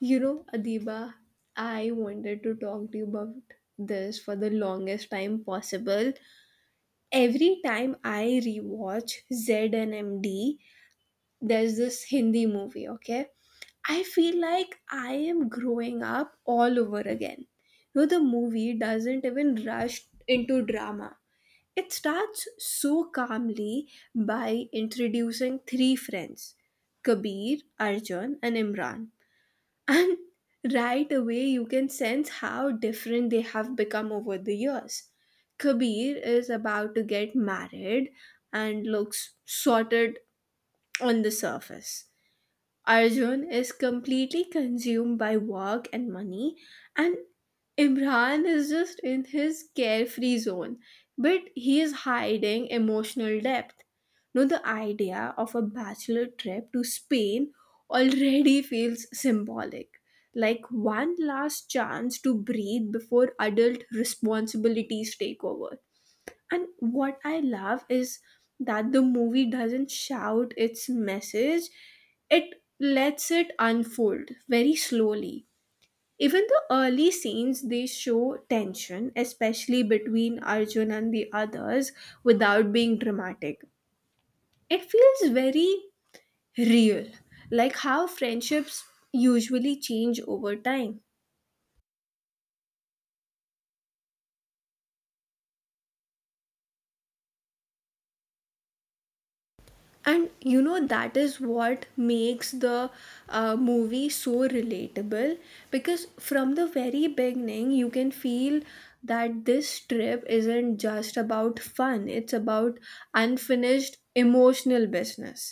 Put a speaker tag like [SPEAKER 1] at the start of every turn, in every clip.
[SPEAKER 1] You know, Adiba, I wanted to talk to you about this for the longest time possible. Every time I rewatch ZNMD, there's this Hindi movie, okay? I feel like I am growing up all over again. No, the movie doesn't even rush into drama. It starts so calmly by introducing three friends Kabir, Arjun, and Imran, and right away, you can sense how different they have become over the years. Kabir is about to get married and looks sorted on the surface. Arjun is completely consumed by work and money, and Imran is just in his carefree zone, but he is hiding emotional depth. No, the idea of a bachelor trip to Spain already feels symbolic, like one last chance to breathe before adult responsibilities take over. And what I love is that the movie doesn't shout its message, it lets it unfold very slowly. Even the early scenes, they show tension, especially between Arjun and the others, without being dramatic. It feels very real, like how friendships usually change over time. And you know, that is what makes the movie so relatable, because from the very beginning you can feel that this trip isn't just about fun, it's about unfinished emotional business.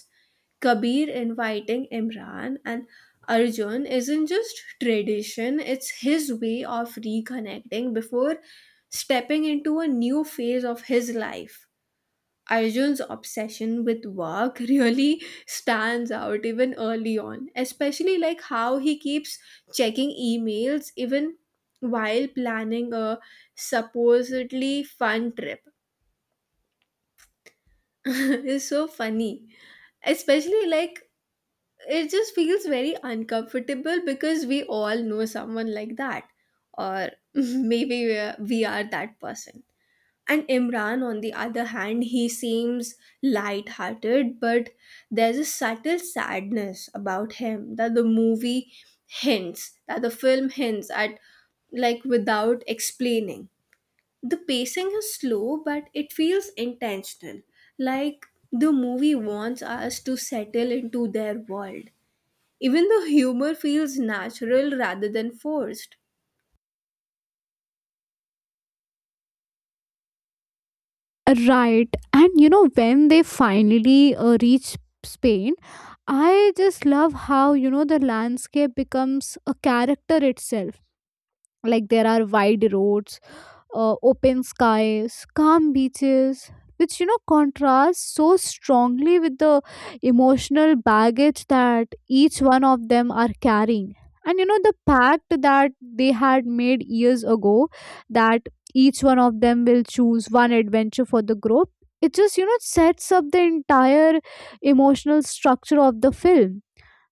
[SPEAKER 1] Kabir inviting Imran and Arjun isn't just tradition, it's his way of reconnecting before stepping into a new phase of his life. Arjun's obsession with work really stands out even early on, especially like how he keeps checking emails even while planning a supposedly fun trip. It's so funny. Especially like, it just feels very uncomfortable because we all know someone like that, or maybe we are that person. And Imran, on the other hand, he seems light-hearted, but there's a subtle sadness about him that the film hints at, like without explaining. The pacing is slow, but it feels intentional. Like the movie wants us to settle into their world. Even the humor feels natural rather than forced.
[SPEAKER 2] Right. And you know, when they finally reach Spain, I just love how, you know, the landscape becomes a character itself. Like there are wide roads, open skies, calm beaches, which you know contrast so strongly with the emotional baggage that each one of them are carrying. And you know the pact that they had made years ago that each one of them will choose one adventure for the group. It just you know sets up the entire emotional structure of the film,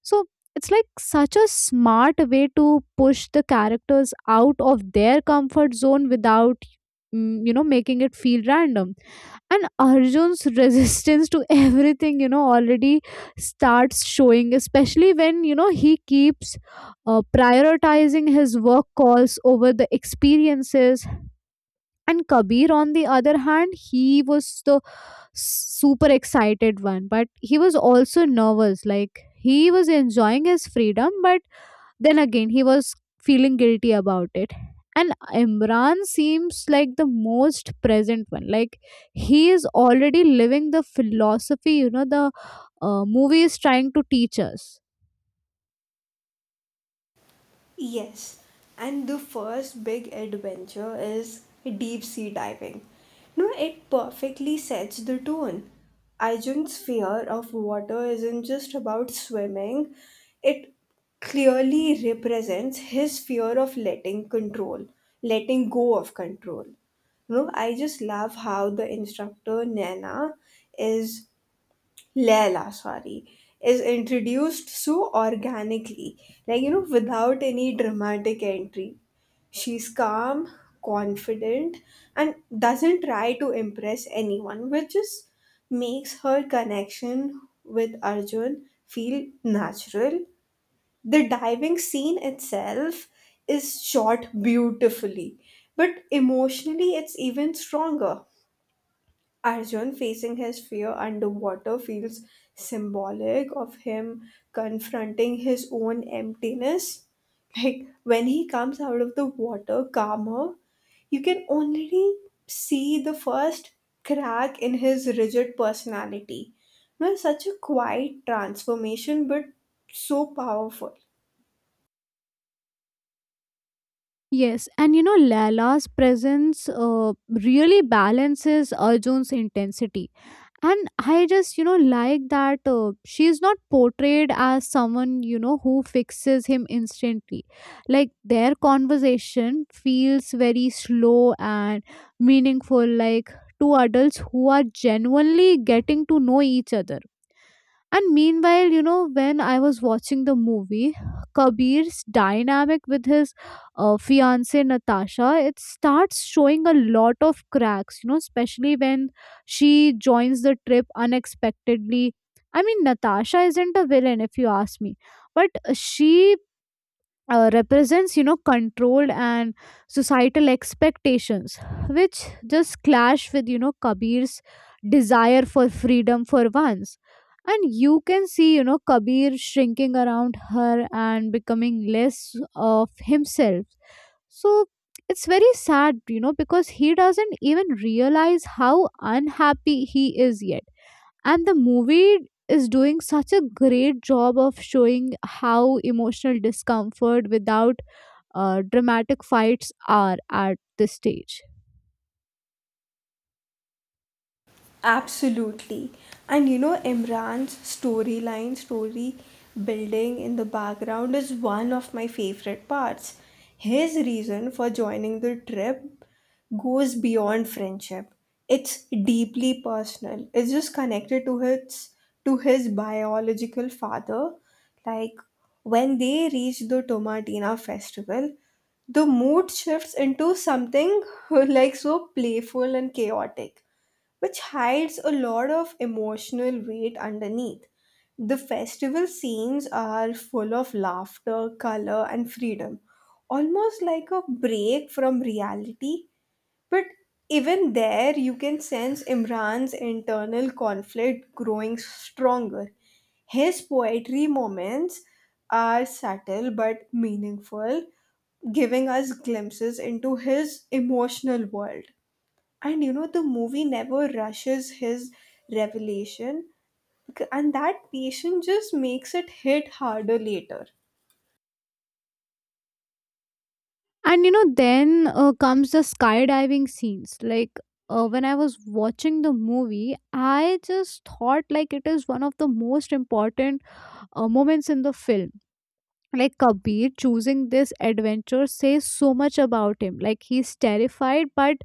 [SPEAKER 2] so it's like such a smart way to push the characters out of their comfort zone without you know making it feel random. And Arjun's resistance to everything, you know, already starts showing, especially when you know he keeps prioritizing his work calls over the experiences. And Kabir, on the other hand, he was the super excited one, but he was also nervous. Like he was enjoying his freedom, but then again he was feeling guilty about it. And Imran seems like the most present one, like he is already living the philosophy, you know, the movie is trying to teach us.
[SPEAKER 1] Yes, and the first big adventure is deep sea diving. No, it perfectly sets the tone. Ajun's fear of water isn't just about swimming, it clearly represents his fear of letting go of control. No, I just love how the instructor Nana is Leila, sorry, is introduced so organically, like, you know, without any dramatic entry. She's calm, confident, and doesn't try to impress anyone, which just makes her connection with Arjun feel natural. The diving scene itself is shot beautifully, but emotionally, it's even stronger. Arjun facing his fear underwater feels symbolic of him confronting his own emptiness. Like when he comes out of the water calmer, you can already see the first crack in his rigid personality. Now, such a quiet transformation, but so powerful.
[SPEAKER 2] Yes, and you know Lala's presence really balances Arjun's intensity, and I just you know like that she's not portrayed as someone you know who fixes him instantly. Like their conversation feels very slow and meaningful, like two adults who are genuinely getting to know each other. And meanwhile, you know, when I was watching the movie, Kabir's dynamic with his fiance Natasha, it starts showing a lot of cracks, you know, especially when she joins the trip unexpectedly. I mean, Natasha isn't a villain, if you ask me, but she represents you know control and societal expectations, which just clash with you know Kabir's desire for freedom for once. And you can see you know Kabir shrinking around her and becoming less of himself. So it's very sad you know because he doesn't even realize how unhappy he is yet. And the movie is doing such a great job of showing how emotional discomfort without dramatic fights are at this stage.
[SPEAKER 1] Absolutely. And you know, Imran's story building in the background is one of my favorite parts. His reason for joining the trip goes beyond friendship. It's deeply personal. It's just connected to his biological father. Like when they reach the Tomatina festival, the mood shifts into something like so playful and chaotic, which hides a lot of emotional weight underneath. The festival scenes are full of laughter, color, and freedom, almost like a break from reality. But even there, you can sense Imran's internal conflict growing stronger. His poetry moments are subtle but meaningful, giving us glimpses into his emotional world. And you know, the movie never rushes his revelation, and that patience just makes it hit harder later.
[SPEAKER 2] And you know, then comes the skydiving scenes. Like when I was watching the movie, I just thought like it is one of the most important moments in the film. Like Kabir choosing this adventure says so much about him. Like he's terrified, but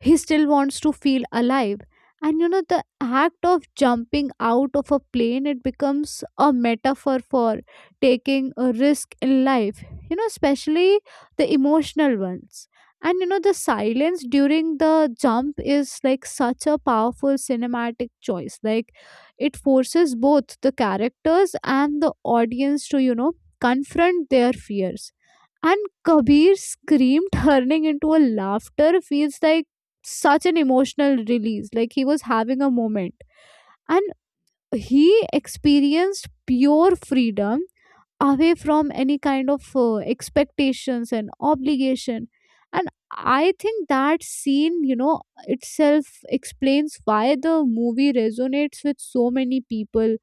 [SPEAKER 2] he still wants to feel alive. And you know, the act of jumping out of a plane, it becomes a metaphor for taking a risk in life, you know, especially the emotional ones. And you know, the silence during the jump is like such a powerful cinematic choice. Like it forces both the characters and the audience to, you know, confront their fears. And Kabir scream turning into a laughter feels like such an emotional release, like he was having a moment. And he experienced pure freedom away from any kind of expectations and obligation. And I think that scene, you know, itself explains why the movie resonates with so many people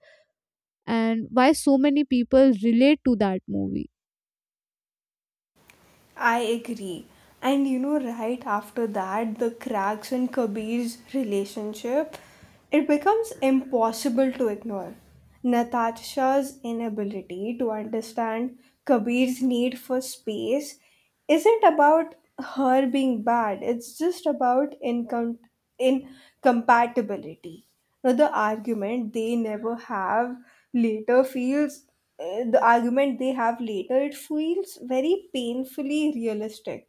[SPEAKER 2] and why so many people relate to that movie.
[SPEAKER 1] I agree. And you know, right after that, the cracks in Kabir's relationship, it becomes impossible to ignore. Natasha's inability to understand Kabir's need for space isn't about her being bad, it's just about incompatibility. Now, the argument they never have later feels, the argument they have later, it feels very painfully realistic,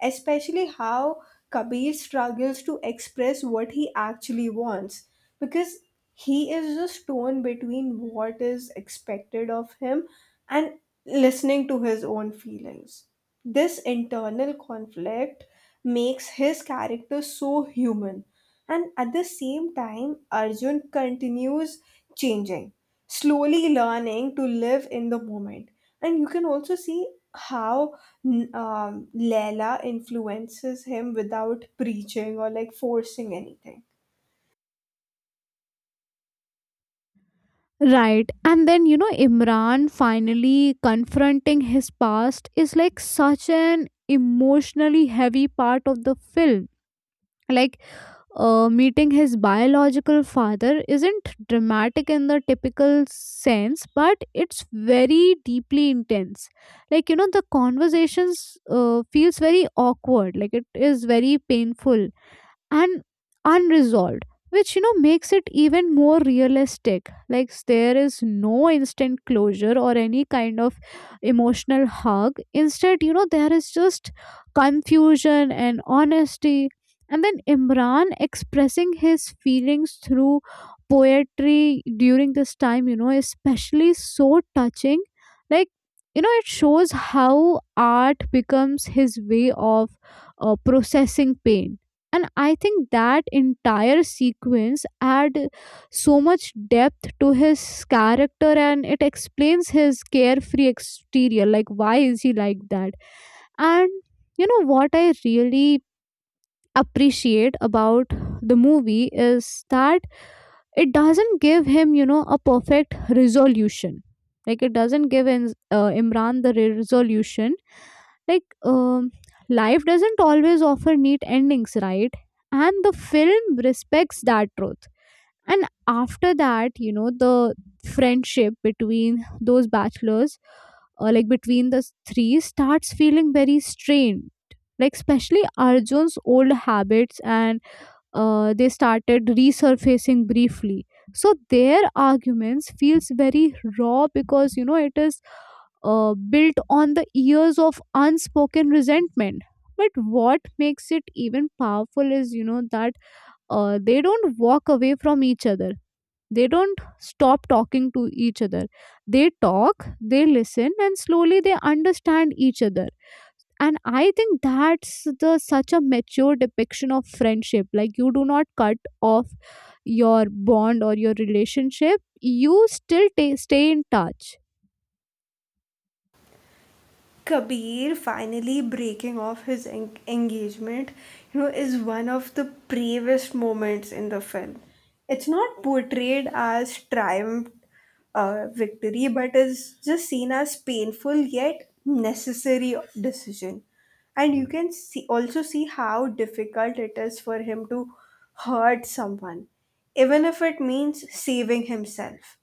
[SPEAKER 1] especially how Kabir struggles to express what he actually wants, because he is a stone between what is expected of him and listening to his own feelings. This internal conflict makes his character so human, and at the same time, Arjun continues changing, slowly learning to live in the moment. And you can also see how Leela influences him without preaching or like forcing anything.
[SPEAKER 2] Right. And then, you know, Imran finally confronting his past is like such an emotionally heavy part of the film. Like, meeting his biological father isn't dramatic in the typical sense, but it's very deeply intense. Like, you know, the conversations feels very awkward. Like, it is very painful and unresolved, which you know makes it even more realistic. Like there is no instant closure or any kind of emotional hug. Instead, you know, there is just confusion and honesty. And then Imran expressing his feelings through poetry during this time, you know, especially so touching. Like you know it shows how art becomes his way of processing pain. And I think that entire sequence add so much depth to his character, and it explains his carefree exterior, like why is he like that. And you know what I really appreciate about the movie is that it doesn't give him you know a perfect resolution. Like it doesn't give in, Imran the resolution, like life doesn't always offer neat endings, right. And the film respects that truth. And after that you know the friendship between those bachelors like between the three starts feeling very strained, like especially Arjun's old habits and they started resurfacing briefly. So their arguments feels very raw because you know it is built on the years of unspoken resentment. But what makes it even powerful is you know that they don't walk away from each other. They don't stop talking to each other. They talk, they listen, and slowly they understand each other. And I think that's the such a mature depiction of friendship, like you do not cut off your bond or your relationship, you still ta stay in touch.
[SPEAKER 1] Kabir finally breaking off his engagement, you know, is one of the bravest moments in the film. It's not portrayed as victory, but is just seen as painful yet necessary decision. And you can see, also see, how difficult it is for him to hurt someone, even if it means saving himself.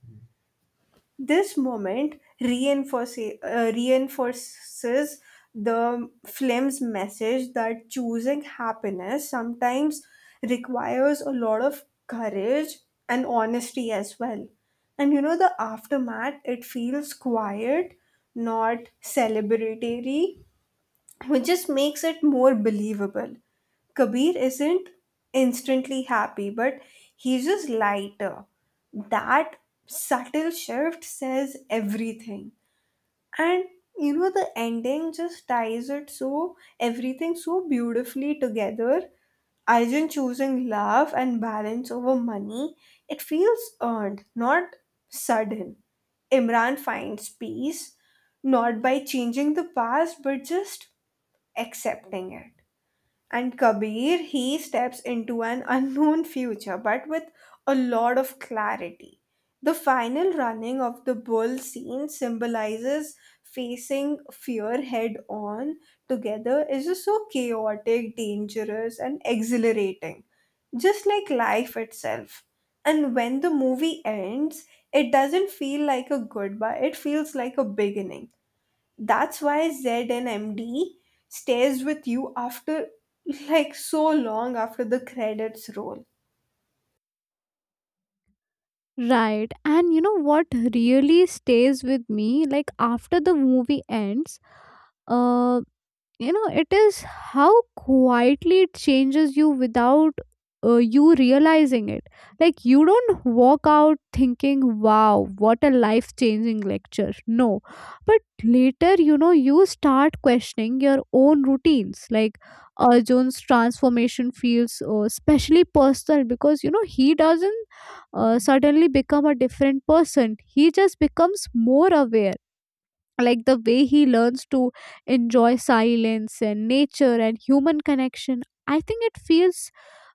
[SPEAKER 1] This moment reinforces the film's message that choosing happiness sometimes requires a lot of courage and honesty as well. And you know, the aftermath, it feels quiet, not celebratory, which just makes it more believable. Kabir isn't instantly happy, but he's just lighter. That subtle shift says everything. And you know, the ending just ties it so everything so beautifully together. Arjun choosing love and balance over money, it feels earned, not sudden. Imran finds peace, not by changing the past, but just accepting it. And Kabir, he steps into an unknown future, but with a lot of clarity. The final running of the bull scene symbolizes facing fear head on together, is just so chaotic, dangerous, and exhilarating, just like life itself. And when the movie ends, it doesn't feel like a goodbye, it feels like a beginning. That's why ZNMD stays with you after, like, so long after the credits roll.
[SPEAKER 2] Right. And you know what really stays with me, like after the movie ends, uh, you know it is how quietly it changes you without you realizing it. Like you don't walk out thinking wow, what a life changing lecture, no, but later you know you start questioning your own routines. Like Arjun's transformation feels especially personal because you know he doesn't suddenly become a different person, he just becomes more aware. Like the way he learns to enjoy silence and nature and human connection, I think it feels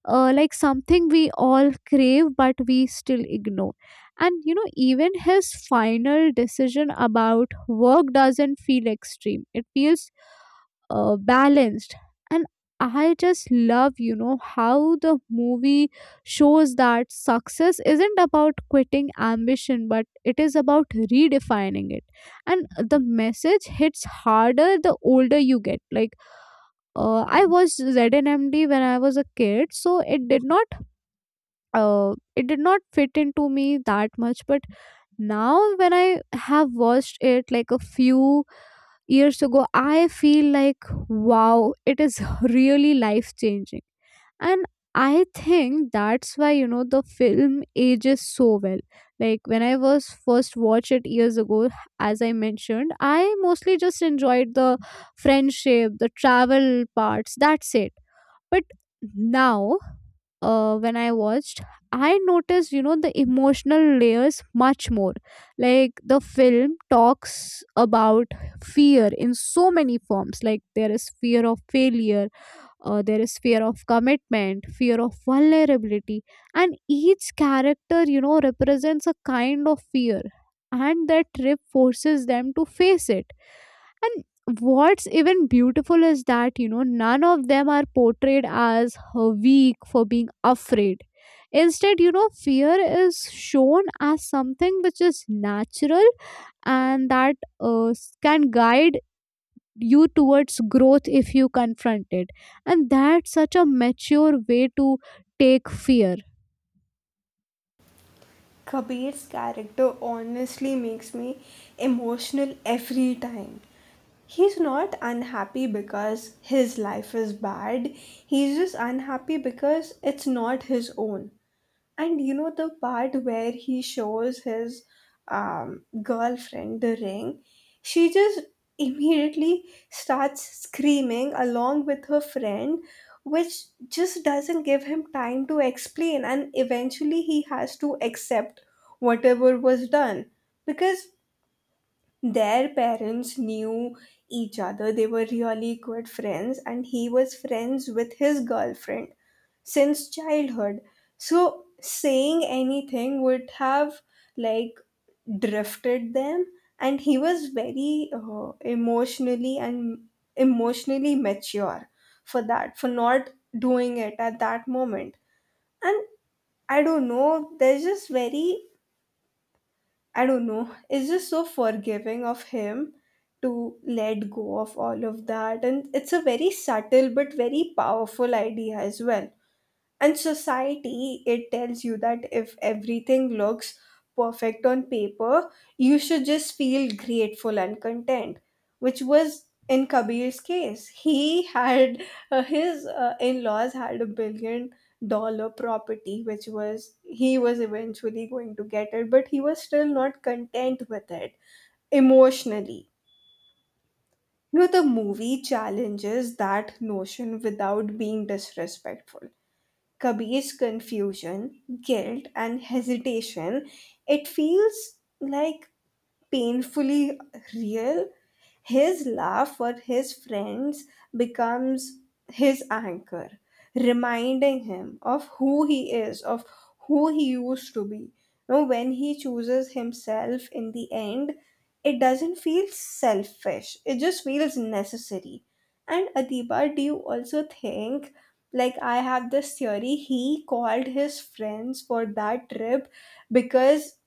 [SPEAKER 2] like something we all crave but we still ignore. And you know even his final decision about work doesn't feel extreme, it feels balanced. And I just love you know how the movie shows that success isn't about quitting ambition, but it is about redefining it. And the message hits harder the older you get. Like I was ZNMD when I was a kid, so it did not fit into me that much, but now when I have watched it like a few years ago, I feel like, wow, it is really life changing. And I think that's why, you know, the film ages so well. Like when I was first watched it years ago, as I mentioned, I mostly just enjoyed the friendship, the travel parts, that's it. But now, when I watched, I noticed, you know, the emotional layers much more. Like the film talks about fear in so many forms. Like there is fear of failure, there is fear of commitment, fear of vulnerability. And each character, you know, represents a kind of fear. And that trip forces them to face it. And what's even beautiful is that, you know, none of them are portrayed as weak for being afraid. Instead, you know, fear is shown as something which is natural and that can guide you towards growth if you confront it. And that's such a mature way to take fear.
[SPEAKER 1] Kabir's character honestly makes me emotional every time. He's not unhappy because his life is bad. He's just unhappy because it's not his own. And you know, the part where he shows his girlfriend the ring, she just immediately starts screaming along with her friend, which just doesn't give him time to explain, and eventually he has to accept whatever was done, because their parents knew each other, they were really good friends, and he was friends with his girlfriend since childhood. So saying anything would have, like, drifted them. And he was very emotionally mature for that, for not doing it at that moment. And I don't know, there's just very, I don't know, it's just so forgiving of him to let go of all of that. And it's a very subtle but very powerful idea as well. And society, it tells you that if everything looks perfect on paper, you should just feel grateful and content, which was in Kabir's case. He had his in laws had a $1 billion property, which was, he was eventually going to get it, but he was still not content with it emotionally. You know, the movie challenges that notion without being disrespectful. Kabir's confusion, guilt, and hesitation, it feels, like, painfully real. His laugh for his friends becomes his anchor, reminding him of who he is, of who he used to be. Now, when he chooses himself in the end, it doesn't feel selfish, it just feels necessary. And Adiba, do you also think? Like, I have this theory, he called his friends for that trip because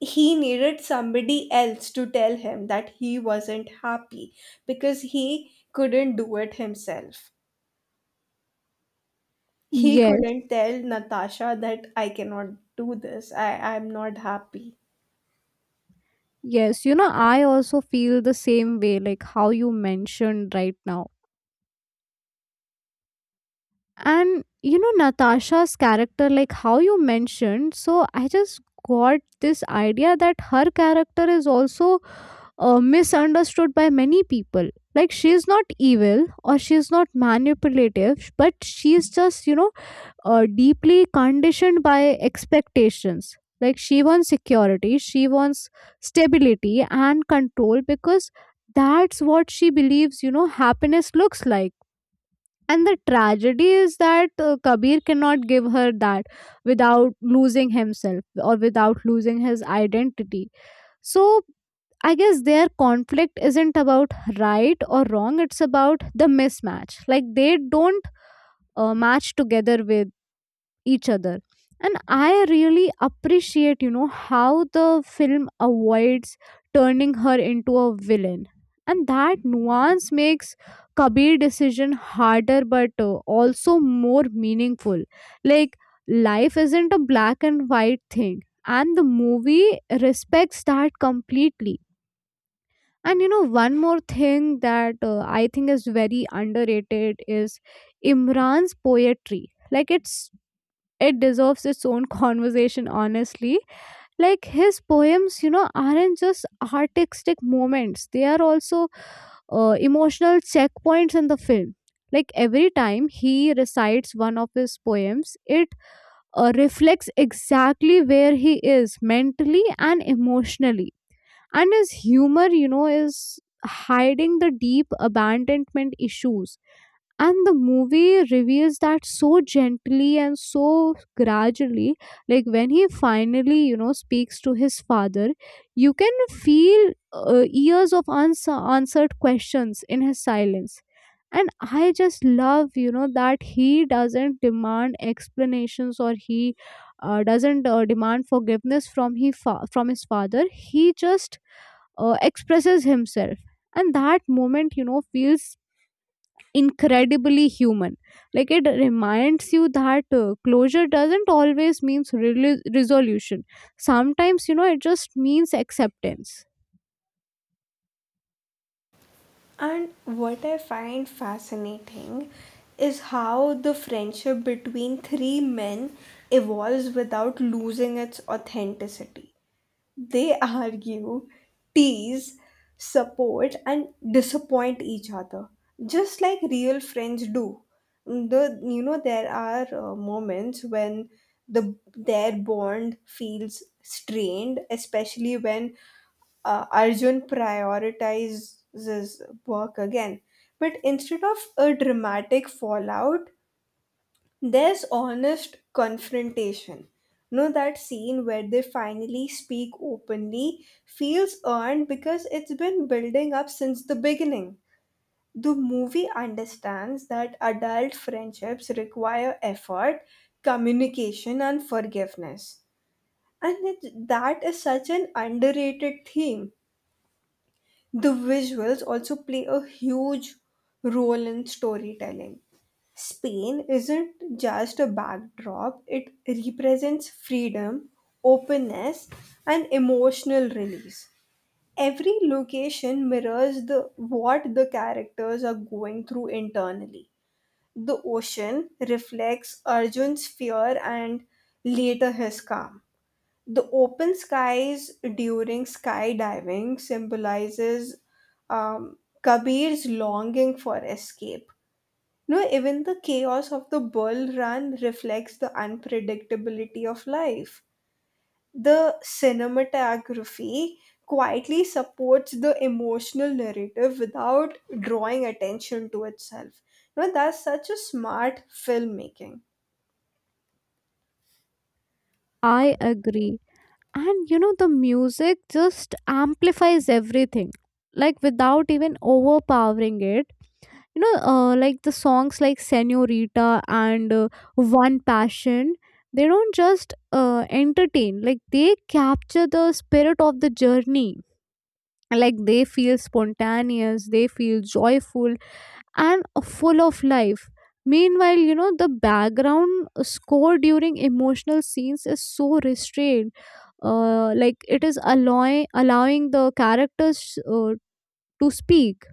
[SPEAKER 1] he needed somebody else to tell him that he wasn't happy, because he couldn't do it himself. He
[SPEAKER 2] Yes.
[SPEAKER 1] couldn't tell Natasha that I cannot do this, I'm not happy.
[SPEAKER 2] Yes, you know, I also feel the same way, like how you mentioned right now. And you know, Natasha's character, like how you mentioned, so I just got this idea that her character is also misunderstood by many people. Like she's not evil or she's not manipulative, but she's just, you know, deeply conditioned by expectations. Like she wants security, she wants stability and control because that's what she believes, you know, happiness looks like. And the tragedy is that Kabir cannot give her that without losing himself or without losing his identity. So I guess their conflict isn't about right or wrong, it's about the mismatch. Like they don't match together with each other. And I really appreciate you know how the film avoids turning her into a villain, and that nuance makes Kabir decision harder but also more meaningful. Like life isn't a black and white thing, and the movie respects that completely. And you know one more thing that I think is very underrated is Imran's poetry. Like it's it deserves its own conversation honestly. Like his poems you know aren't just artistic moments, they are also emotional checkpoints in the film. Like every time he recites one of his poems it reflects exactly where he is mentally and emotionally. And his humor you know is hiding the deep abandonment issues, and the movie reveals that so gently and so gradually. Like when he finally you know speaks to his father, you can feel years of unanswered answered questions in his silence. And I just love you know that he doesn't demand explanations or he doesn't demand forgiveness from from his father, he just expresses himself. And that moment you know feels incredibly human. Like it reminds you that closure doesn't always means resolution. Sometimes, you know, it just means acceptance.
[SPEAKER 1] And what I find fascinating is how the friendship between three men evolves without losing its authenticity. They argue, tease, support, and disappoint each other, just like real friends do. The You know, there are moments when their bond feels strained, especially when Arjun prioritizes work again. But instead of a dramatic fallout, there's honest confrontation. No, that scene where they finally speak openly feels earned, because it's been building up since the beginning. The movie understands that adult friendships require effort, communication, and forgiveness. And that is such an underrated theme. The visuals also play a huge role in storytelling. Spain isn't just a backdrop, it represents freedom, openness, and emotional release. Every location mirrors the what the characters are going through internally. The ocean reflects Arjun's fear and later his calm. The open skies during skydiving symbolizes Kabir's longing for escape. No, even the chaos of the bull run reflects the unpredictability of life. The cinematography quietly supports the emotional narrative without drawing attention to itself. No, that's such a smart filmmaking.
[SPEAKER 2] I agree. And you know, the music just amplifies everything, like without even overpowering it. You know like the songs like Senorita and one passion, they don't just entertain, like they capture the spirit of the journey. Like they feel spontaneous, they feel joyful and full of life. Meanwhile you know the background score during emotional scenes is so restrained, like it is allowing the characters to speak.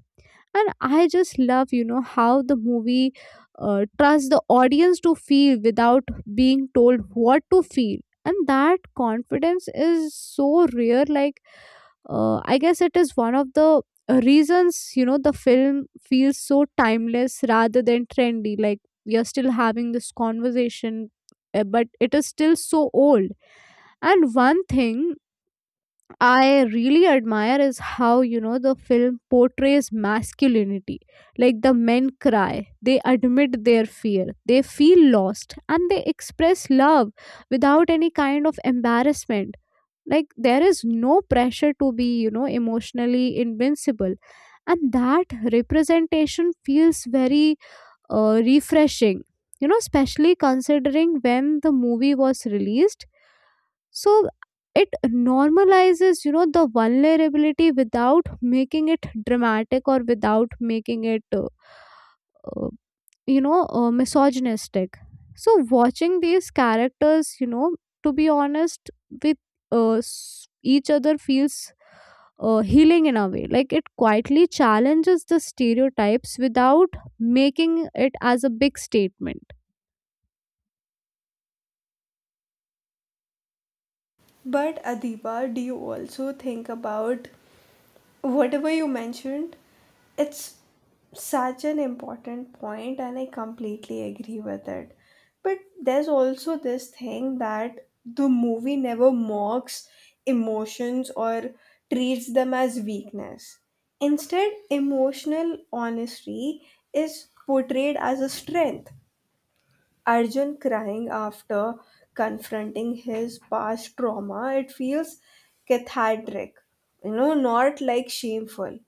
[SPEAKER 2] And I just love you know how the movie trusts the audience to feel without being told what to feel. And that confidence is so rare, like I guess it is one of the reasons you know the film feels so timeless rather than trendy. Like we are still having this conversation, but it is still so old. And one thing I really admire is how you know the film portrays masculinity. Like the men cry, they admit their fear, they feel lost, and they express love without any kind of embarrassment. Like there is no pressure to be, you know, emotionally invincible, and that representation feels very refreshing. You know, especially considering when the movie was released. So it normalizes you know the vulnerability without making it dramatic or without making it uh, you know misogynistic. So watching these characters you know to be honest with each other feels healing in a way. Like it quietly challenges the stereotypes without making it as a big statement.
[SPEAKER 1] But Adiba, do you also think about, whatever you mentioned, it's such an important point, and I completely agree with it. But there's also this thing that the movie never mocks emotions or treats them as weakness. Instead, emotional honesty is portrayed as a strength. Arjun crying after confronting his past trauma, it feels cathartic, you know, not like shameful.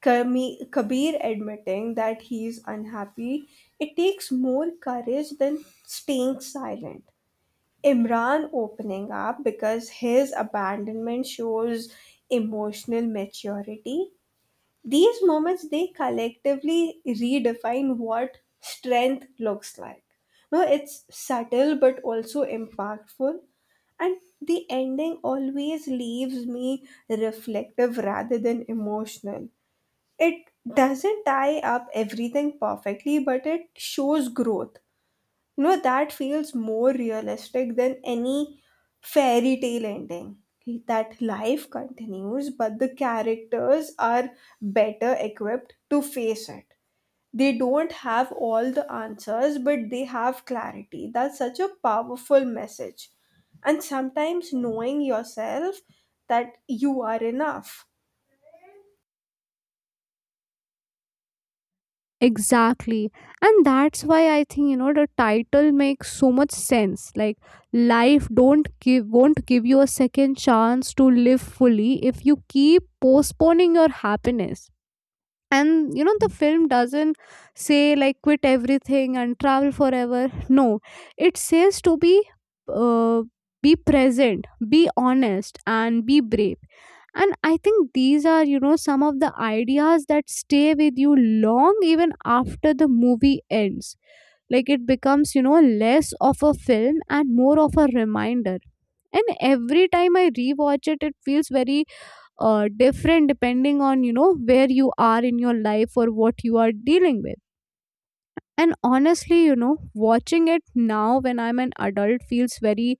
[SPEAKER 1] Kabir admitting that he is unhappy, it takes more courage than staying silent. Imran opening up because his abandonment shows emotional maturity. These moments, they collectively redefine what strength looks like. No, it's subtle but also impactful. And the ending always leaves me reflective rather than emotional. It doesn't tie up everything perfectly, but it shows growth. No, that feels more realistic than any fairy tale ending. That life continues, but the characters are better equipped to face it. They don't have all the answers, but they have clarity. That's such a powerful message. And sometimes, knowing yourself, that you are enough.
[SPEAKER 2] Exactly. And that's why I think, you know, the title makes so much sense. Like life don't give won't give you a second chance to live fully if you keep postponing your happiness. And you know the film doesn't say like quit everything and travel forever, no, it says to uh, be present, be honest and be brave. And I think these are you know some of the ideas that stay with you long even after the movie ends. Like it becomes you know less of a film and more of a reminder. And every time I rewatch it, it feels very different depending on you know where you are in your life or what you are dealing with. And honestly you know watching it now when I'm an adult feels very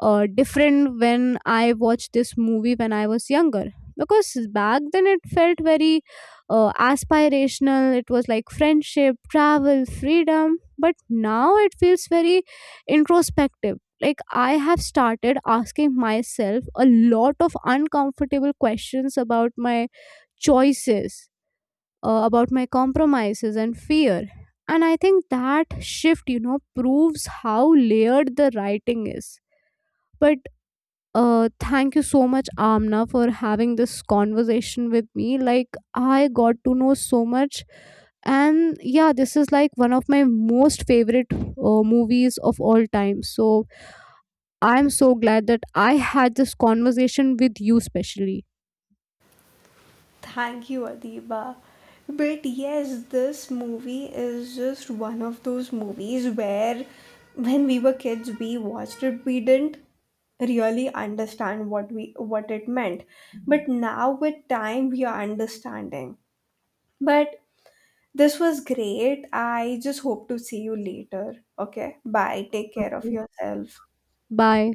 [SPEAKER 2] different when I watched this movie when I was younger. Because back then it felt very aspirational, it was like friendship, travel, freedom, but now it feels very introspective. Like I have started asking myself a lot of uncomfortable questions about my choices, about my compromises and fear. And I think that shift, you know, proves how layered the writing is. But thank you so much, Amna, for having this conversation with me. Like, I got to know so much. And yeah, this is like one of my most favorite movies of all time. So I'm so glad that I had this conversation with you, specially.
[SPEAKER 1] Thank you, Adiba. But yes, this movie is just one of those movies where, when we were kids, we watched it, we didn't really understand what it meant. But now with time, we are understanding. But this was great. I just hope to see you later. Okay. Bye. Take care of yourself.
[SPEAKER 2] Bye.